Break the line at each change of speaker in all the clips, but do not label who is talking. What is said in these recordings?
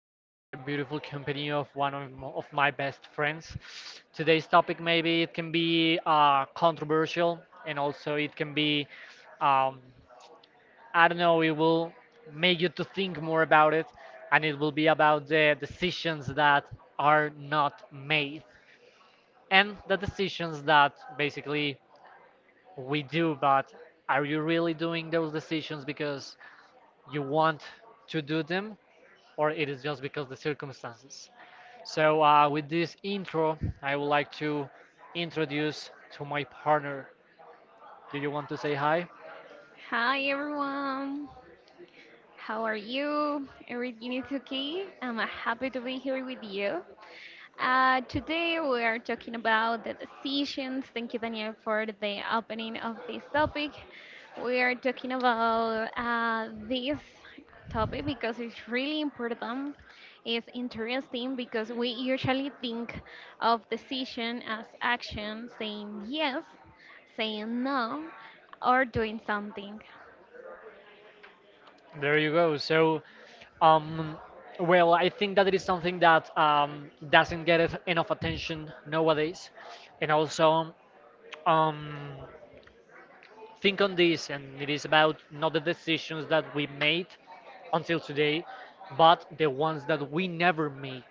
have the beautiful company of of my best friends. Today's topic maybe it can be controversial and also it can be, um, I don't know, it will make you to think more about it, and it will be about the decisions that are not made and the decisions that basically we do, but are you really doing those decisions because you want to do them, or it is just because the circumstances? With this intro, I would like to introduce to my partner. Do you want to say hi?
Hi everyone. How are you? Everything is okay? I'm happy to be here with you. Today we are talking about the decisions. Thank you, Daniel, for the opening of this topic. We are talking about this topic because it's really important. It's interesting because we usually think of decision as action, saying yes, saying no, or doing something.
There you go. Um, well, I think that it is something that doesn't get enough attention nowadays, and also um, think on this, and it is about not the decisions that we made until today, but the ones that we never made,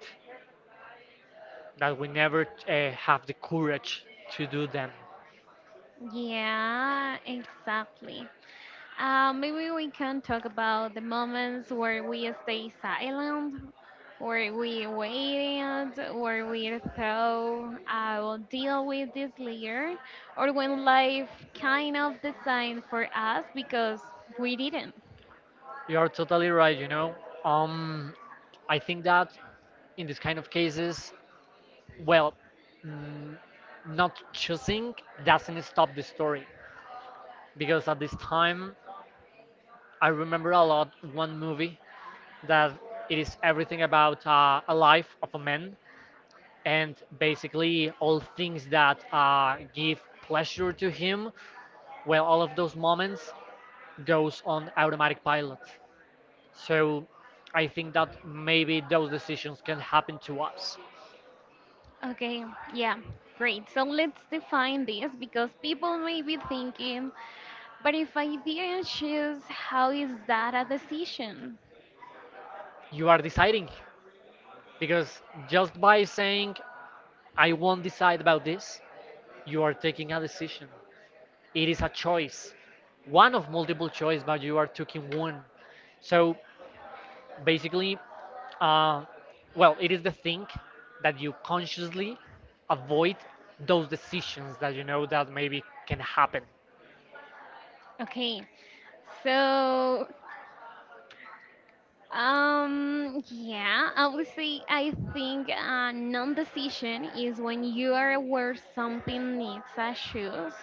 that we never have the courage to do them.
Yeah, exactly. Maybe we can talk about the moments where we stay silent, where we waited, where we thought I will deal with this later, or when life kind of designed for us because we didn't.
You are totally right, you know. Um, I think that in this kind of cases, well, mm, not choosing doesn't stop the story, because at this time I remember a lot one movie that it is everything about a life of a man, and basically all things that give pleasure to him, well, all of those moments goes on automatic pilot. So I think that maybe those decisions can happen to us.
Okay, yeah, great. So let's define this because people may be thinking, but if I didn't choose, how is that a decision?
You are deciding, because just by saying I won't decide about this, you are taking a decision. It is a choice, one of multiple choice, but you are taking one. So basically, uh, well, it is the thing that you consciously avoid those decisions that you know that maybe can happen.
Okay. So, yeah, obviously, I think a non-decision is when you are where something needs a choice,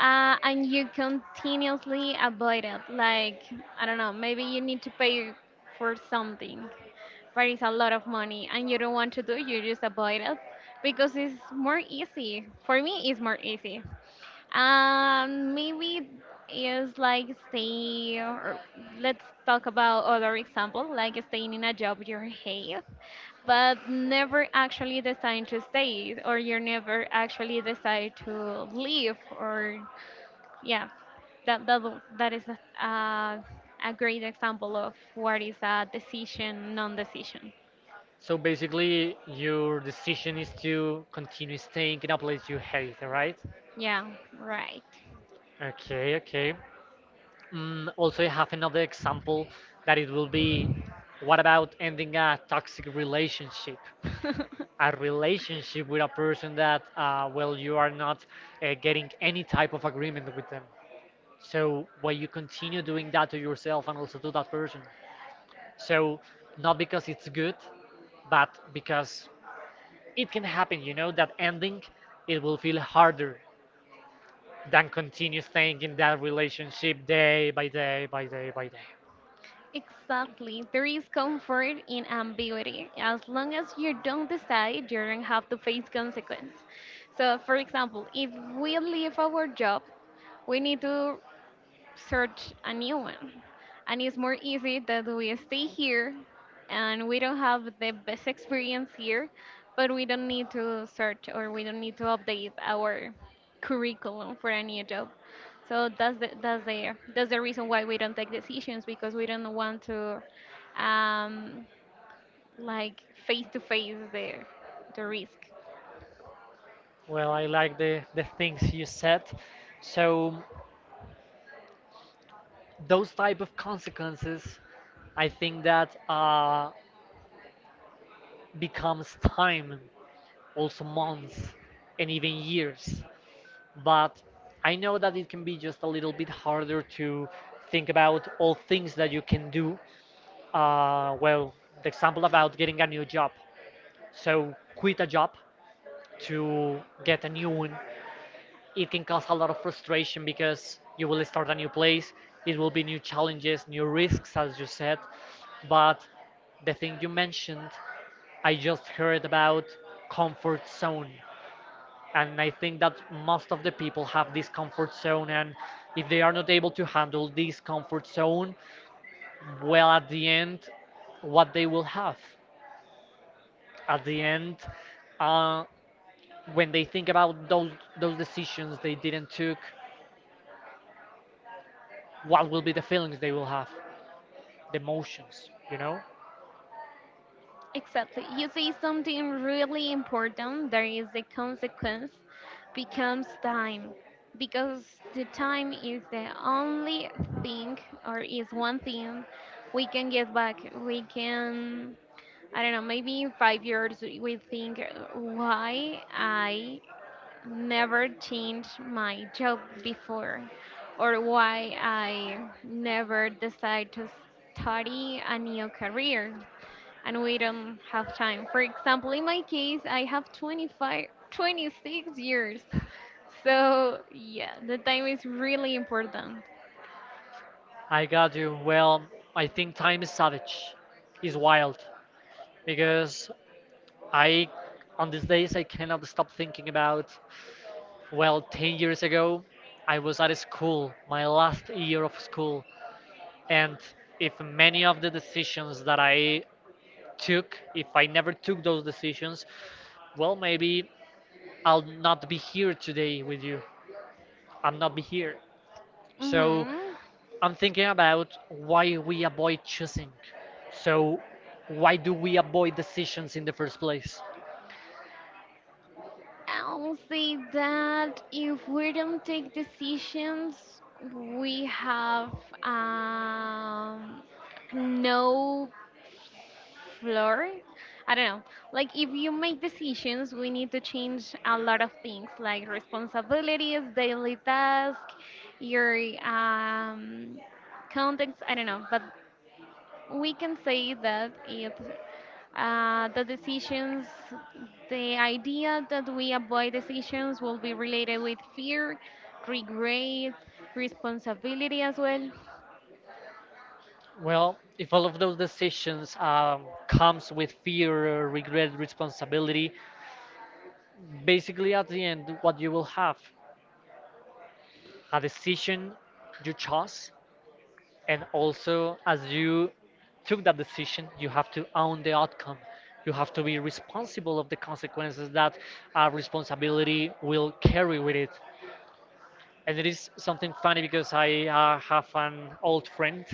and you continuously avoid it. Like, I don't know, maybe you need to pay for something, but it's a lot of money, and you don't want to do, you just avoid it because it's more easy. For me, it's more easy. Maybe is like stay, or let's talk about other example, like staying in a job you hate, but never actually decide to stay, or you never actually decide to leave, or yeah, that is a a great example of what is a decision, non-decision.
So basically, your decision is to continue staying in a place you hate, right?
Yeah, right.
Okay, okay. Mm, also, I have another example that it will be, what about ending a toxic relationship? A relationship with a person that, well, you are not getting any type of agreement with them. So why you continue doing that to yourself and also to that person? So not because it's good, but because it can happen, you know, that ending it will feel harder than continue staying in that relationship day by day by day by day.
Exactly. There is comfort in ambiguity as long as you don't decide, you don't have to face consequence. So, for example, if we leave our job, we need to search a new one. And it's more easy that we stay here and we don't have the best experience here, but we don't need to search or we don't need to update our curriculum for a new job. So that's the reason why we don't take decisions because we don't want to, um, like, face to face the risk.
Well, I like the things you said. So those type of consequences, I think that becomes time, also months, and even years. But I know that it can be just a little bit harder to think about all things that you can do. Well, the example about getting a new job. So, quit a job to get a new one, it can cause a lot of frustration because you will start a new place, it will be new challenges, new risks, as you said. But the thing you mentioned, I just heard about comfort zone, and I think that most of the people have this comfort zone, and if they are not able to handle this comfort zone, well, at the end what they will have, at the end, uh, when they think about those decisions they didn't took, what will be the feelings they will have, the emotions, you know?
Exactly. You say something really important, there is a consequence, becomes time. Because the time is the only thing, or is one thing we can get back. We can, I don't know, maybe in 5 years we think, why I never changed my job before, or why I never decide to study a new career and we don't have time. For example, in my case, I have 25, 26 years. So, yeah, the time is really important.
I got you. Well, I think time is savage, is wild, because I on these days I cannot stop thinking about, well, 10 years ago, I was at school, my last year of school, and if many of the decisions that I took, if I never took those decisions, well, maybe I'll not be here today with you. I'm not be here. So
Hmm.
I'm thinking about why we avoid choosing. So why do we avoid decisions in the first place?
I'll say that if we don't take decisions, we have, um, no floor. I don't know. Like, if you make decisions, we need to change a lot of things, like responsibilities, daily tasks, your, um, context. I don't know, but we can say that it's, the decisions, the idea that we avoid decisions will be related with fear, regret, responsibility as well.
Well, if all of those decisions comes with fear, regret, responsibility, basically at the end what you will have, a decision you chose, and also as you took that decision you have to own the outcome. You have to be responsible of the consequences that our responsibility will carry with it. And it is something funny because I have an old friend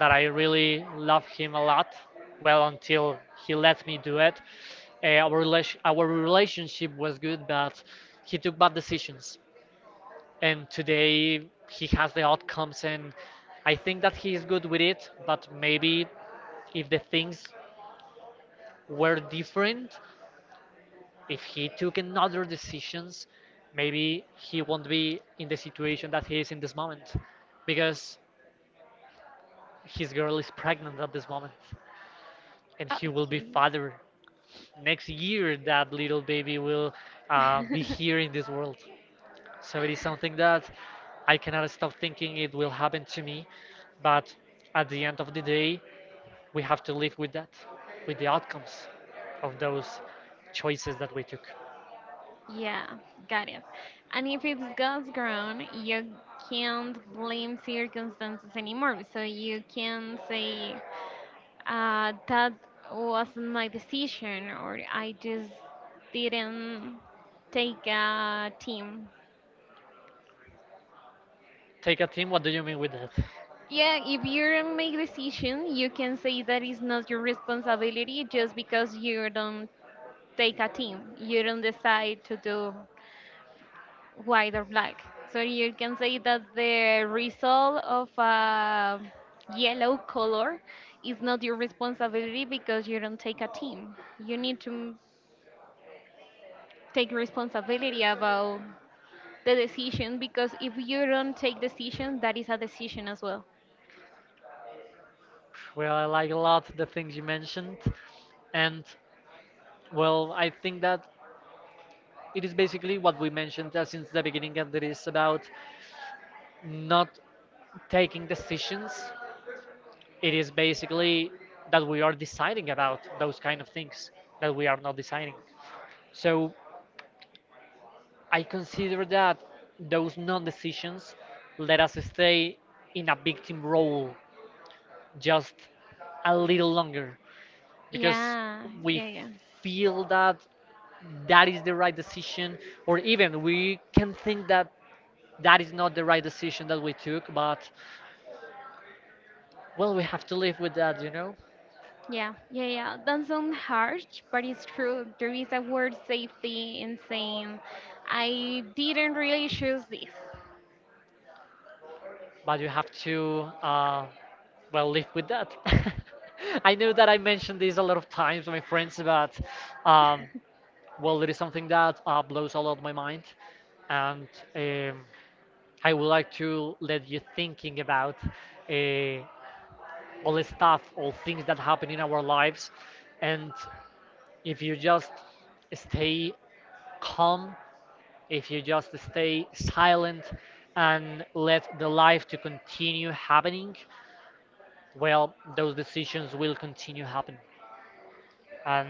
that I really love him a lot, well, until he let me do it. Our our relationship was good, but he took bad decisions, and today he has the outcomes, and I think that he is good with it, but maybe if the things were different, if he took another decisions, maybe he won't be in the situation that he is in this moment, because his girl is pregnant at this moment, and he will be
Okay.
father. Next year that little baby will be here in this world. So it is something that I cannot stop thinking it will happen to me. But at the end of the day, we have to live with that, with the outcomes of those choices that we took.
Yeah, got it. And if it's God's ground, you can't blame circumstances anymore. So you can say, that wasn't my decision, or I just didn't take a team.
Take a team, what do you mean with that?
Yeah, if you don't make decision, you can say that it's not your responsibility just because you don't take a team. You don't decide to do white or black. So you can say that the result of a yellow color is not your responsibility because you don't take a team. You need to take responsibility about the decision, because if you don't take decision that is a decision as well.
Well, I like a lot the things you mentioned. And well, I think that it is basically what we mentioned since the beginning, and it is about not taking decisions. It is basically that we are deciding about those kind of things that we are not deciding. So I consider that those non decisions let us stay in a victim role just a little longer, because
yeah
we
yeah yeah
feel that that is the right decision, or even we can think that that is not the right decision that we took, but well, we have to live with that, you know?
yeah yeah yeah that sounds harsh, but it's true. There is a word safety in saying I didn't really choose this.
But you have to well live with that. I know that I mentioned this a lot of times to my friends, but um, well, it is something that blows a lot my mind. And um, I would like to let you thinking about uh, all the stuff, all things that happen in our lives, and if you just stay calm, if you just stay silent and let the life to continue happening, well, those decisions will continue happen. And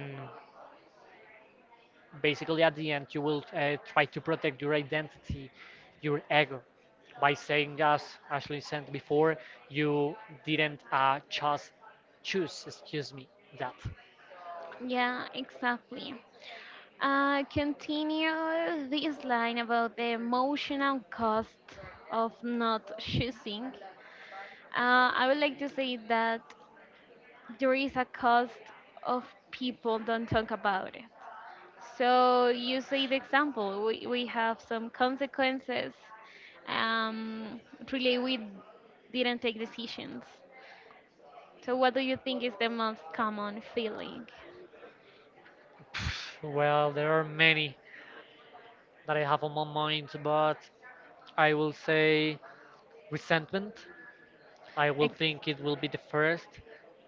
basically, at the end, you will try to protect your identity, your ego, by saying, as Ashley said before, you didn't just choose, excuse me, that.
Yeah, exactly. Uh, continue this line about the emotional cost of not choosing. I would like to say that there is a cost of people don't talk about it. So you say the example. We have some consequences. Um, really, we didn't take decisions. So what do you think is the most common feeling?
Well, there are many that I have on my mind, but I will say resentment. I will
Ex-
think it will be the first,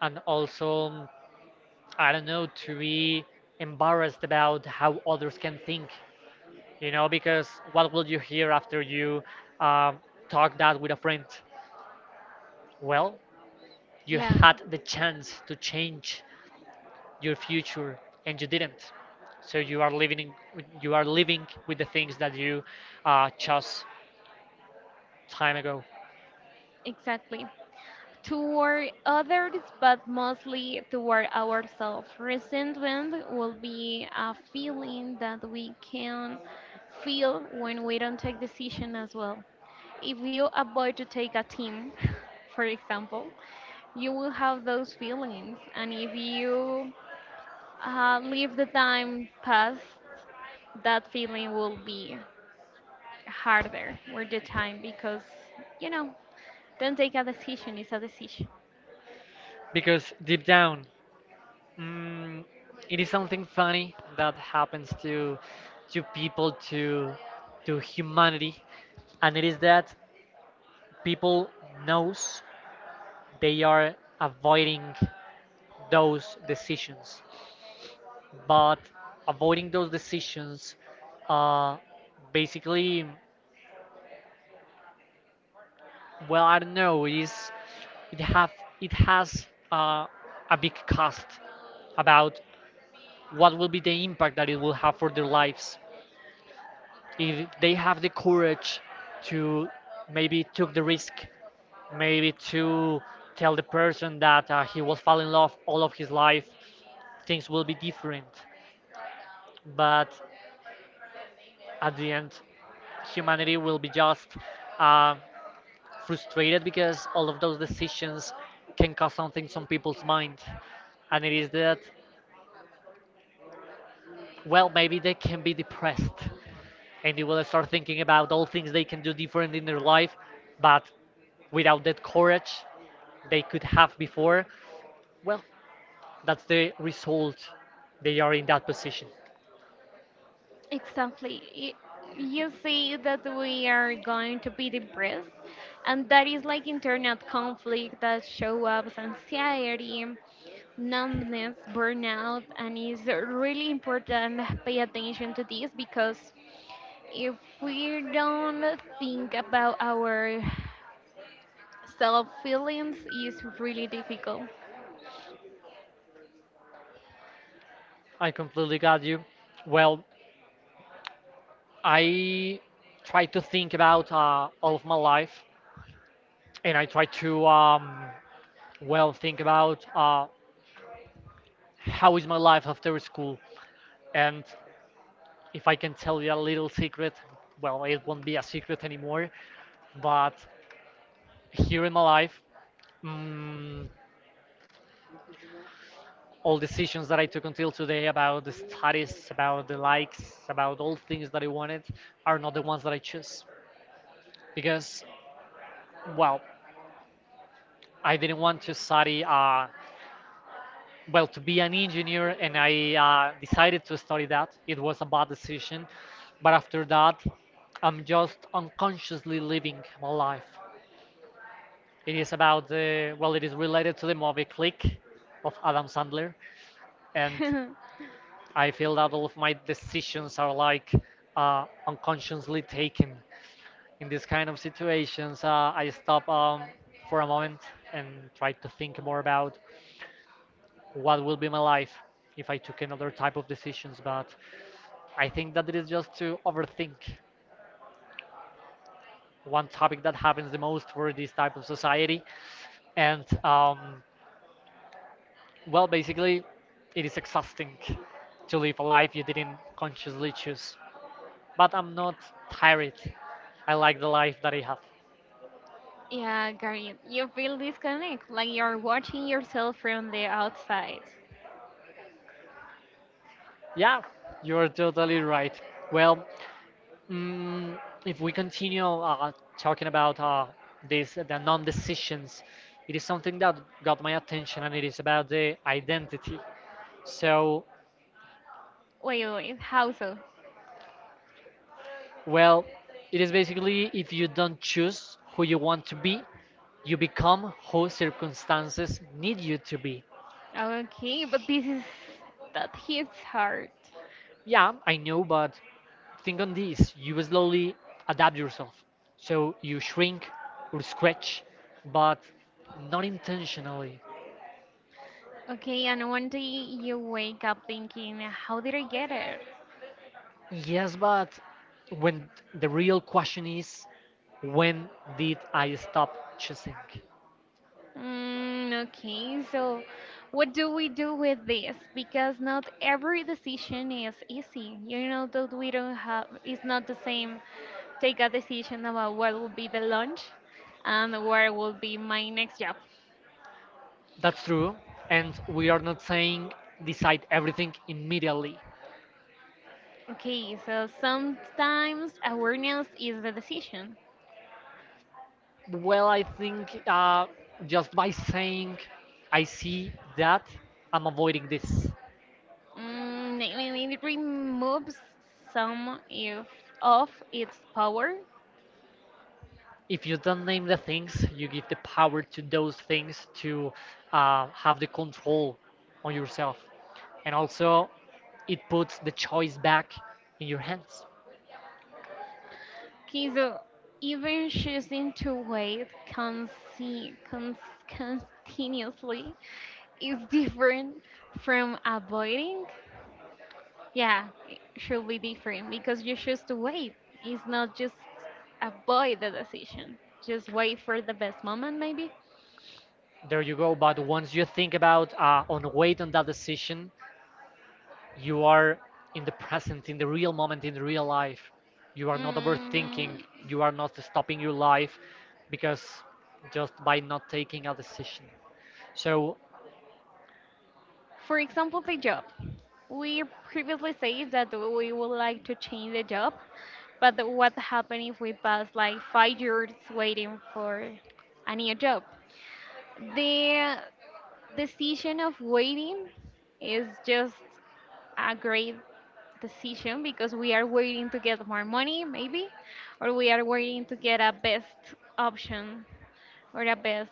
and also I don't know, to be embarrassed about how others can think, you know, because what will you hear after you um, talk that with a friend? Well, you
yeah,
had the chance to change your future and you didn't. So you are living, in, you are living with the things that you chose time ago.
exactly. Toward others, but mostly toward ourselves. Resentment will be a feeling that we can feel when we don't take decision as well. If you avoid to take a team, for example, you will have those feelings, and if you leave the time pass, that feeling will be harder with the time, because you know don't take a decision it's a decision.
Because deep down, mm, it is something funny that happens to people to humanity, and it is that people knows they are avoiding those decisions, but avoiding those decisions, uh, basically, well, I don't know, it is, it have it has a big cost about what will be the impact that it will have for their lives, if they have the courage to maybe took the risk, maybe to tell the person that he was falling in love all of his life, things will be different. But at the end humanity will be just uh, frustrated, because all of those decisions can cause something on people's mind, and it is that, well, maybe they can be depressed, and they will start thinking about all things they can do different in their life. But without that courage they could have before, well, that's the result. They are in that position.
Exactly. You see that we are going to be depressed, and that is like internal conflict that show up as anxiety, numbness, burnout, and it's really important pay attention to this, because if we don't think about our self feelings it's really difficult.
I completely got you. Well, I try to think about all of my life, and I try to well think about how is my life after school. And if I can tell you a little secret, well, it won't be a secret anymore. But here in my life, mm, all decisions that I took until today about the studies, about the likes, about all things that I wanted, are not the ones that I choose. Because, well, I didn't want to study, well, to be an engineer, and I decided to study that. It was a bad decision. But after that, I'm just unconsciously living my life. It is about well, it is related to the movie Click of Adam Sandler. And I feel that all of my decisions are like unconsciously taken. In these kind of situations, I stop, for a moment, and try to think more about what will be my life if I took another type of decisions. But I think that it is just to overthink one topic that happens the most for this type of society. And well, basically, it is exhausting to live a life you didn't consciously choose. But I'm not tired. I like the life that I have.
Yeah, Gary, you feel disconnect like you're watching yourself from the outside.
Yeah, you're totally right. Well, mm, if we continue talking about this, the non-decisions, it is something that got my attention, and it is about the identity. So,
Wait, how so?
well, it is basically if you don't choose who you want to be, you become who circumstances need you to be.
Okay, but this, is that hits hard.
Yeah, I know, but think on this you will slowly adapt yourself so you shrink or stretch, but not intentionally.
Okay, and one day you wake up thinking how did I get here.
Yes, but when the real question is, when did I stop choosing?
Mm, okay, so what do we do with this? Because not every decision is easy. You know that we don't have, it's not the same take a decision about what will be the lunch and where will be my next job.
That's true, and we are not saying decide everything immediately.
Okay, so sometimes awareness is the decision.
Well, I think just by saying, I see that I'm avoiding this.
Mm, I mean, it removes some if, of its power.
If you don't name the things, you give the power to those things to have the control on yourself. And also, it puts the choice back in your hands.
Okay, so even choosing to wait continuously is different from avoiding. Yeah, it should be different because you choose to wait. It's not just avoid the decision. Just wait for the best moment, maybe.
There you go. But once you think about on weight on that decision, you are in the present, in the real moment, in the real life. You are not overthinking.
Mm.
You are not stopping your life because just by not taking a decision. So
For example, the job. We previously said that we would like to change the job, but what happened if we pass like 5 years waiting for a new job? The decision of waiting is just a great decision, because we are waiting to get more money, maybe, or we are waiting to get a best option or a best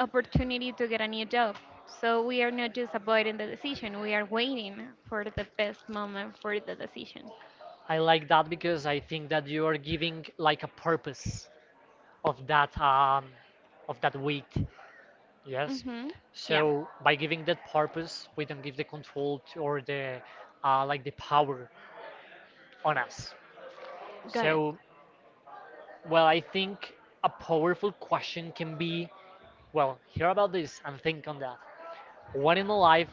opportunity to get a new job. So we are not just avoiding the decision, we are waiting for the best moment for the decision.
I like that because I think that you are giving like a purpose of that um, of that weight. Yes.
Hmm. Yeah,
So by giving that purpose, we don't give the control to, or the like the power on us.
got it.
So well, I think a powerful question can be, well, hear about this and think on that. What in my life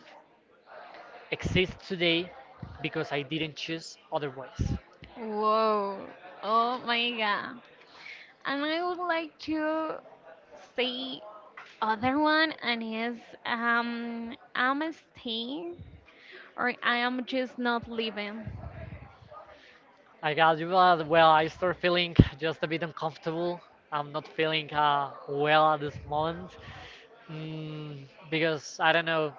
exists today because I didn't choose otherwise?
Whoa. Oh my God. And I would like to say other one and is, I'm staying, or I am just not leaving.
I got you. Well, I start feeling just a bit uncomfortable. I'm not feeling well at this moment, mm, because I don't know.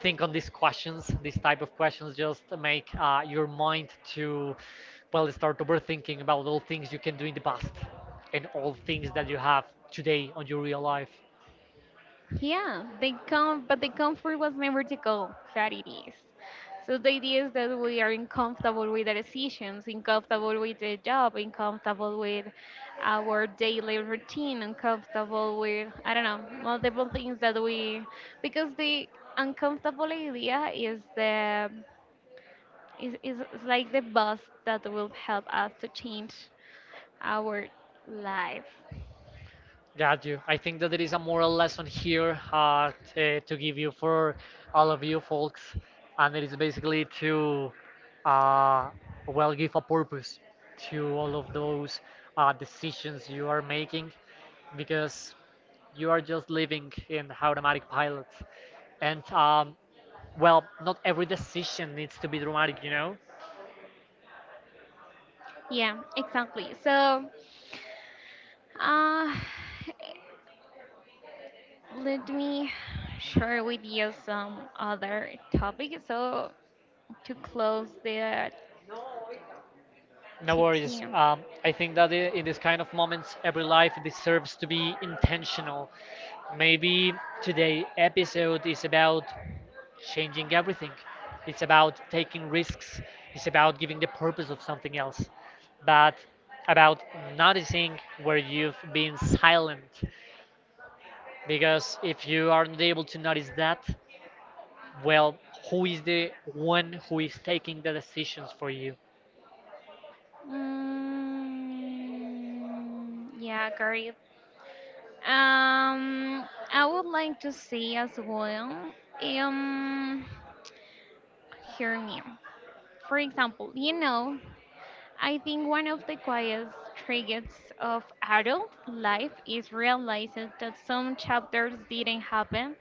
Think on these questions. These type of questions just make your mind to, well, start overthinking about all things you can do in the past and all things that you have today on your real life.
Yeah, they come, but the comfort was never the goal. That it is. So the idea is that we are uncomfortable with the decisions, uncomfortable with the job, uncomfortable with our daily routine, uncomfortable with I don't know multiple things that we, because the uncomfortable idea is the is like the bus that will help us to change our life.
Got you. I think that there is a moral lesson here to give you for all of you folks, and it is basically to, uh, well, give a purpose to all of those decisions you are making, because you are just living in automatic pilot, and well, not every decision needs to be dramatic, you know.
Yeah, exactly. So, uh, let me share with you some other topic. So to close the
No worries.
TT.
I think that in this kind of moments, every life deserves to be intentional. Maybe today episode is about changing everything. It's about taking risks. It's about giving the purpose of something else. But about noticing where you've been silent. Because if you aren't able to notice that, well, who is the one who is taking the decisions for you?
Mm, yeah, great. Um, I would like to say as well. Um, Hear me. For example, you know, I think one of the quietest triggers of adult life is realizing that some chapters didn't happen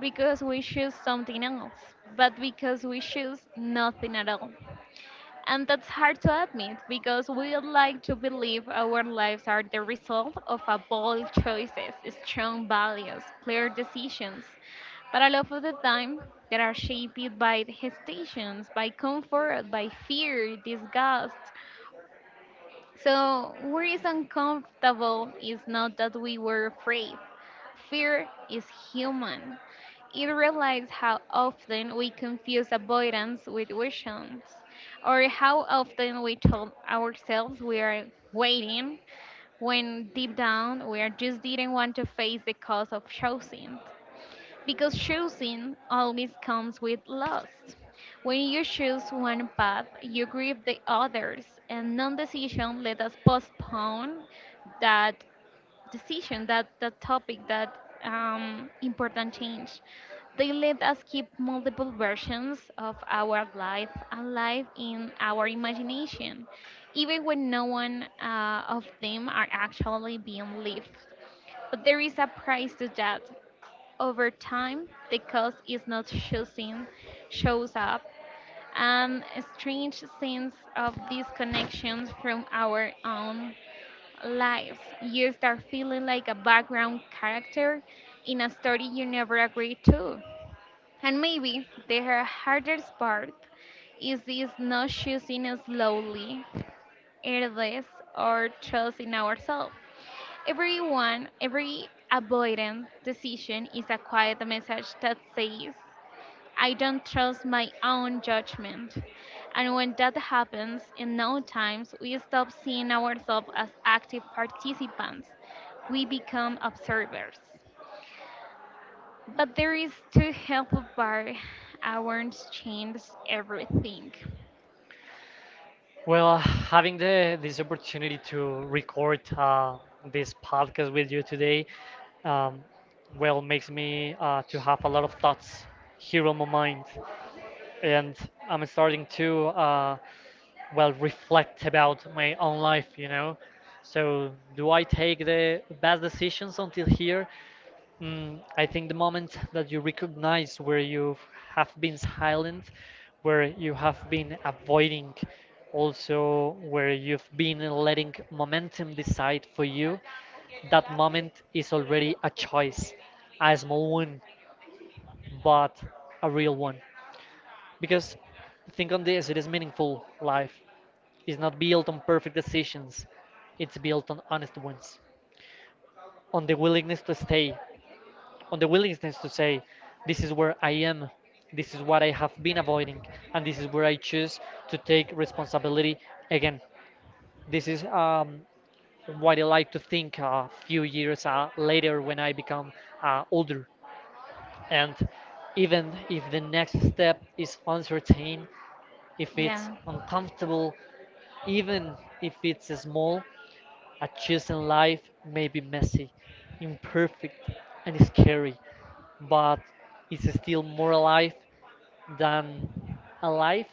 because we choose something else, but because we choose nothing at all. And that's hard to admit because we like to believe our lives are the result of a bold choices, strong values, clear decisions. But a lot of the time, they are shaped by hesitations, by comfort, by fear, disgust. So, what is uncomfortable is not that we were afraid. Fear is human. It realizes how often we confuse avoidance with visions, or how often we told ourselves we are waiting when deep down we are just didn't want to face the cost of choosing. Because choosing always comes with loss. When you choose one path, you grieve the others, and non-decision let us postpone that decision, that topic, that, important change. They let us keep multiple versions of our life alive in our imagination, even when no one of them are actually being lived. But there is a price to that. Over time, the cause is not choosing shows up, and a strange sense of disconnection from our own lives. You start feeling like a background character in a story you never agreed to. And maybe the hardest part is this not choosing slowly, airless, or trusting ourselves. Everyone, every avoidant decision is a quiet message that says, I don't trust my own judgment. And when that happens, in no times, we stop seeing ourselves as active participants. We become observers. But there is too helpful part. Awareness changes everything.
Well, having the this opportunity to record this podcast with you today, um, well, makes me to have a lot of thoughts here on my mind, and I'm starting to well, reflect about my own life. You know, so do I take the best decisions until here? Mm, I think the moment that you recognize where you have been silent, where you have been avoiding, also where you've been letting momentum decide for you, that moment is already a choice, a small one, but a real one. Because think on this, it is meaningful life. It's not built on perfect decisions, it's built on honest ones, on the willingness to stay, on the willingness to say, this is where I am, this is what I have been avoiding, and this is where I choose to take responsibility again. This is what I like to think a few years later when I become older. And even if the next step is uncertain, if it's
Yeah,
uncomfortable, even if it's small, a chosen life may be messy, imperfect, and scary, but it's still more alive than a life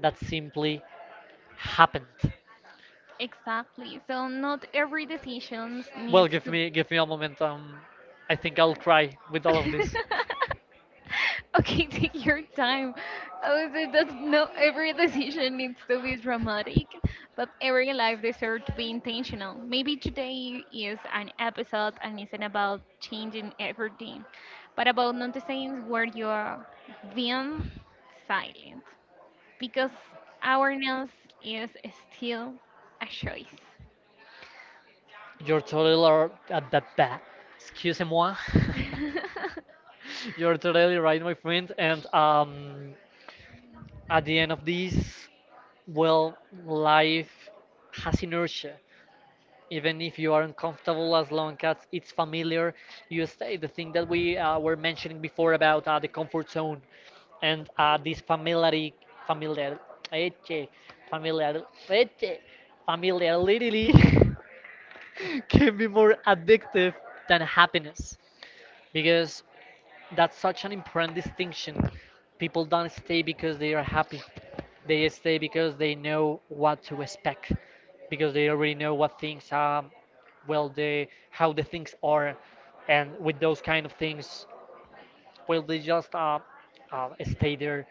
that simply happened.
exactly. So not every decision
Well,
needs
give
to
me give me a moment. I think I'll cry with all of this.
Okay, take your time. I would say that no, every decision needs to be dramatic, but every life deserves to be intentional. Maybe today is an episode and isn't about changing everything, but about noticing where you're being silent, because awareness is still a choice.
You're totally r- ba- ba- Excusez-moi. You're totally right, my friend. And at the end of this, well, life has inertia. Even if you are uncomfortable, as long as it's familiar, you stay. The thing that we were mentioning before about the comfort zone and this familiarity, familiar eche, familiar eche, familiarity can be more addictive than happiness, because that's such an important distinction. People don't stay because they are happy. They stay because they know what to expect, because they already know what things are, well, the how the things are, and with those kind of things, well, they just stay there,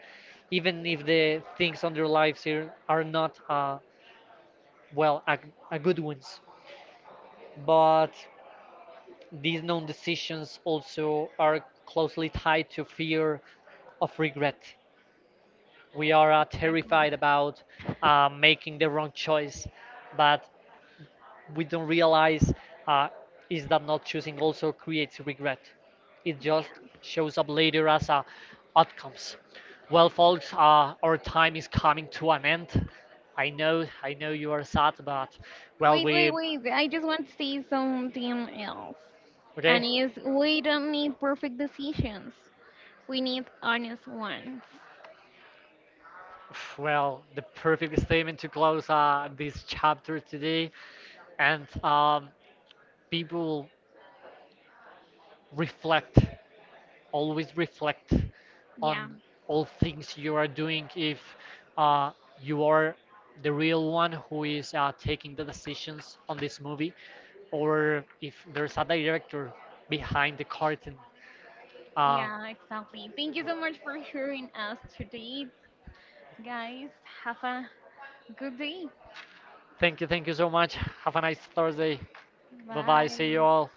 even if the things on their lives here are not well, a good ones. But these known decisions also are closely tied to fear of regret. We are
Exactly.
terrified about making the wrong choice, but we don't realize uh, is that not choosing also creates regret. It
Yeah.
just shows up later as outcomes. Well, folks, our time is coming to an end. I know you are sad, but well,
Wait, wait,
we
wait. I just want to say something else. And
okay.
is we don't need perfect decisions. We need honest ones.
Well, the perfect statement to close this chapter today, and people reflect, always reflect
Yeah,
on all things you are doing, if uh, you are the real one who is taking the decisions on this movie, or if there's a director behind the curtain. Uh,
yeah, exactly. Thank you so much for hearing us today, guys. Have a good day.
Thank you, thank you so much. Have a nice Thursday. Bye bye. See
Bye.
you all.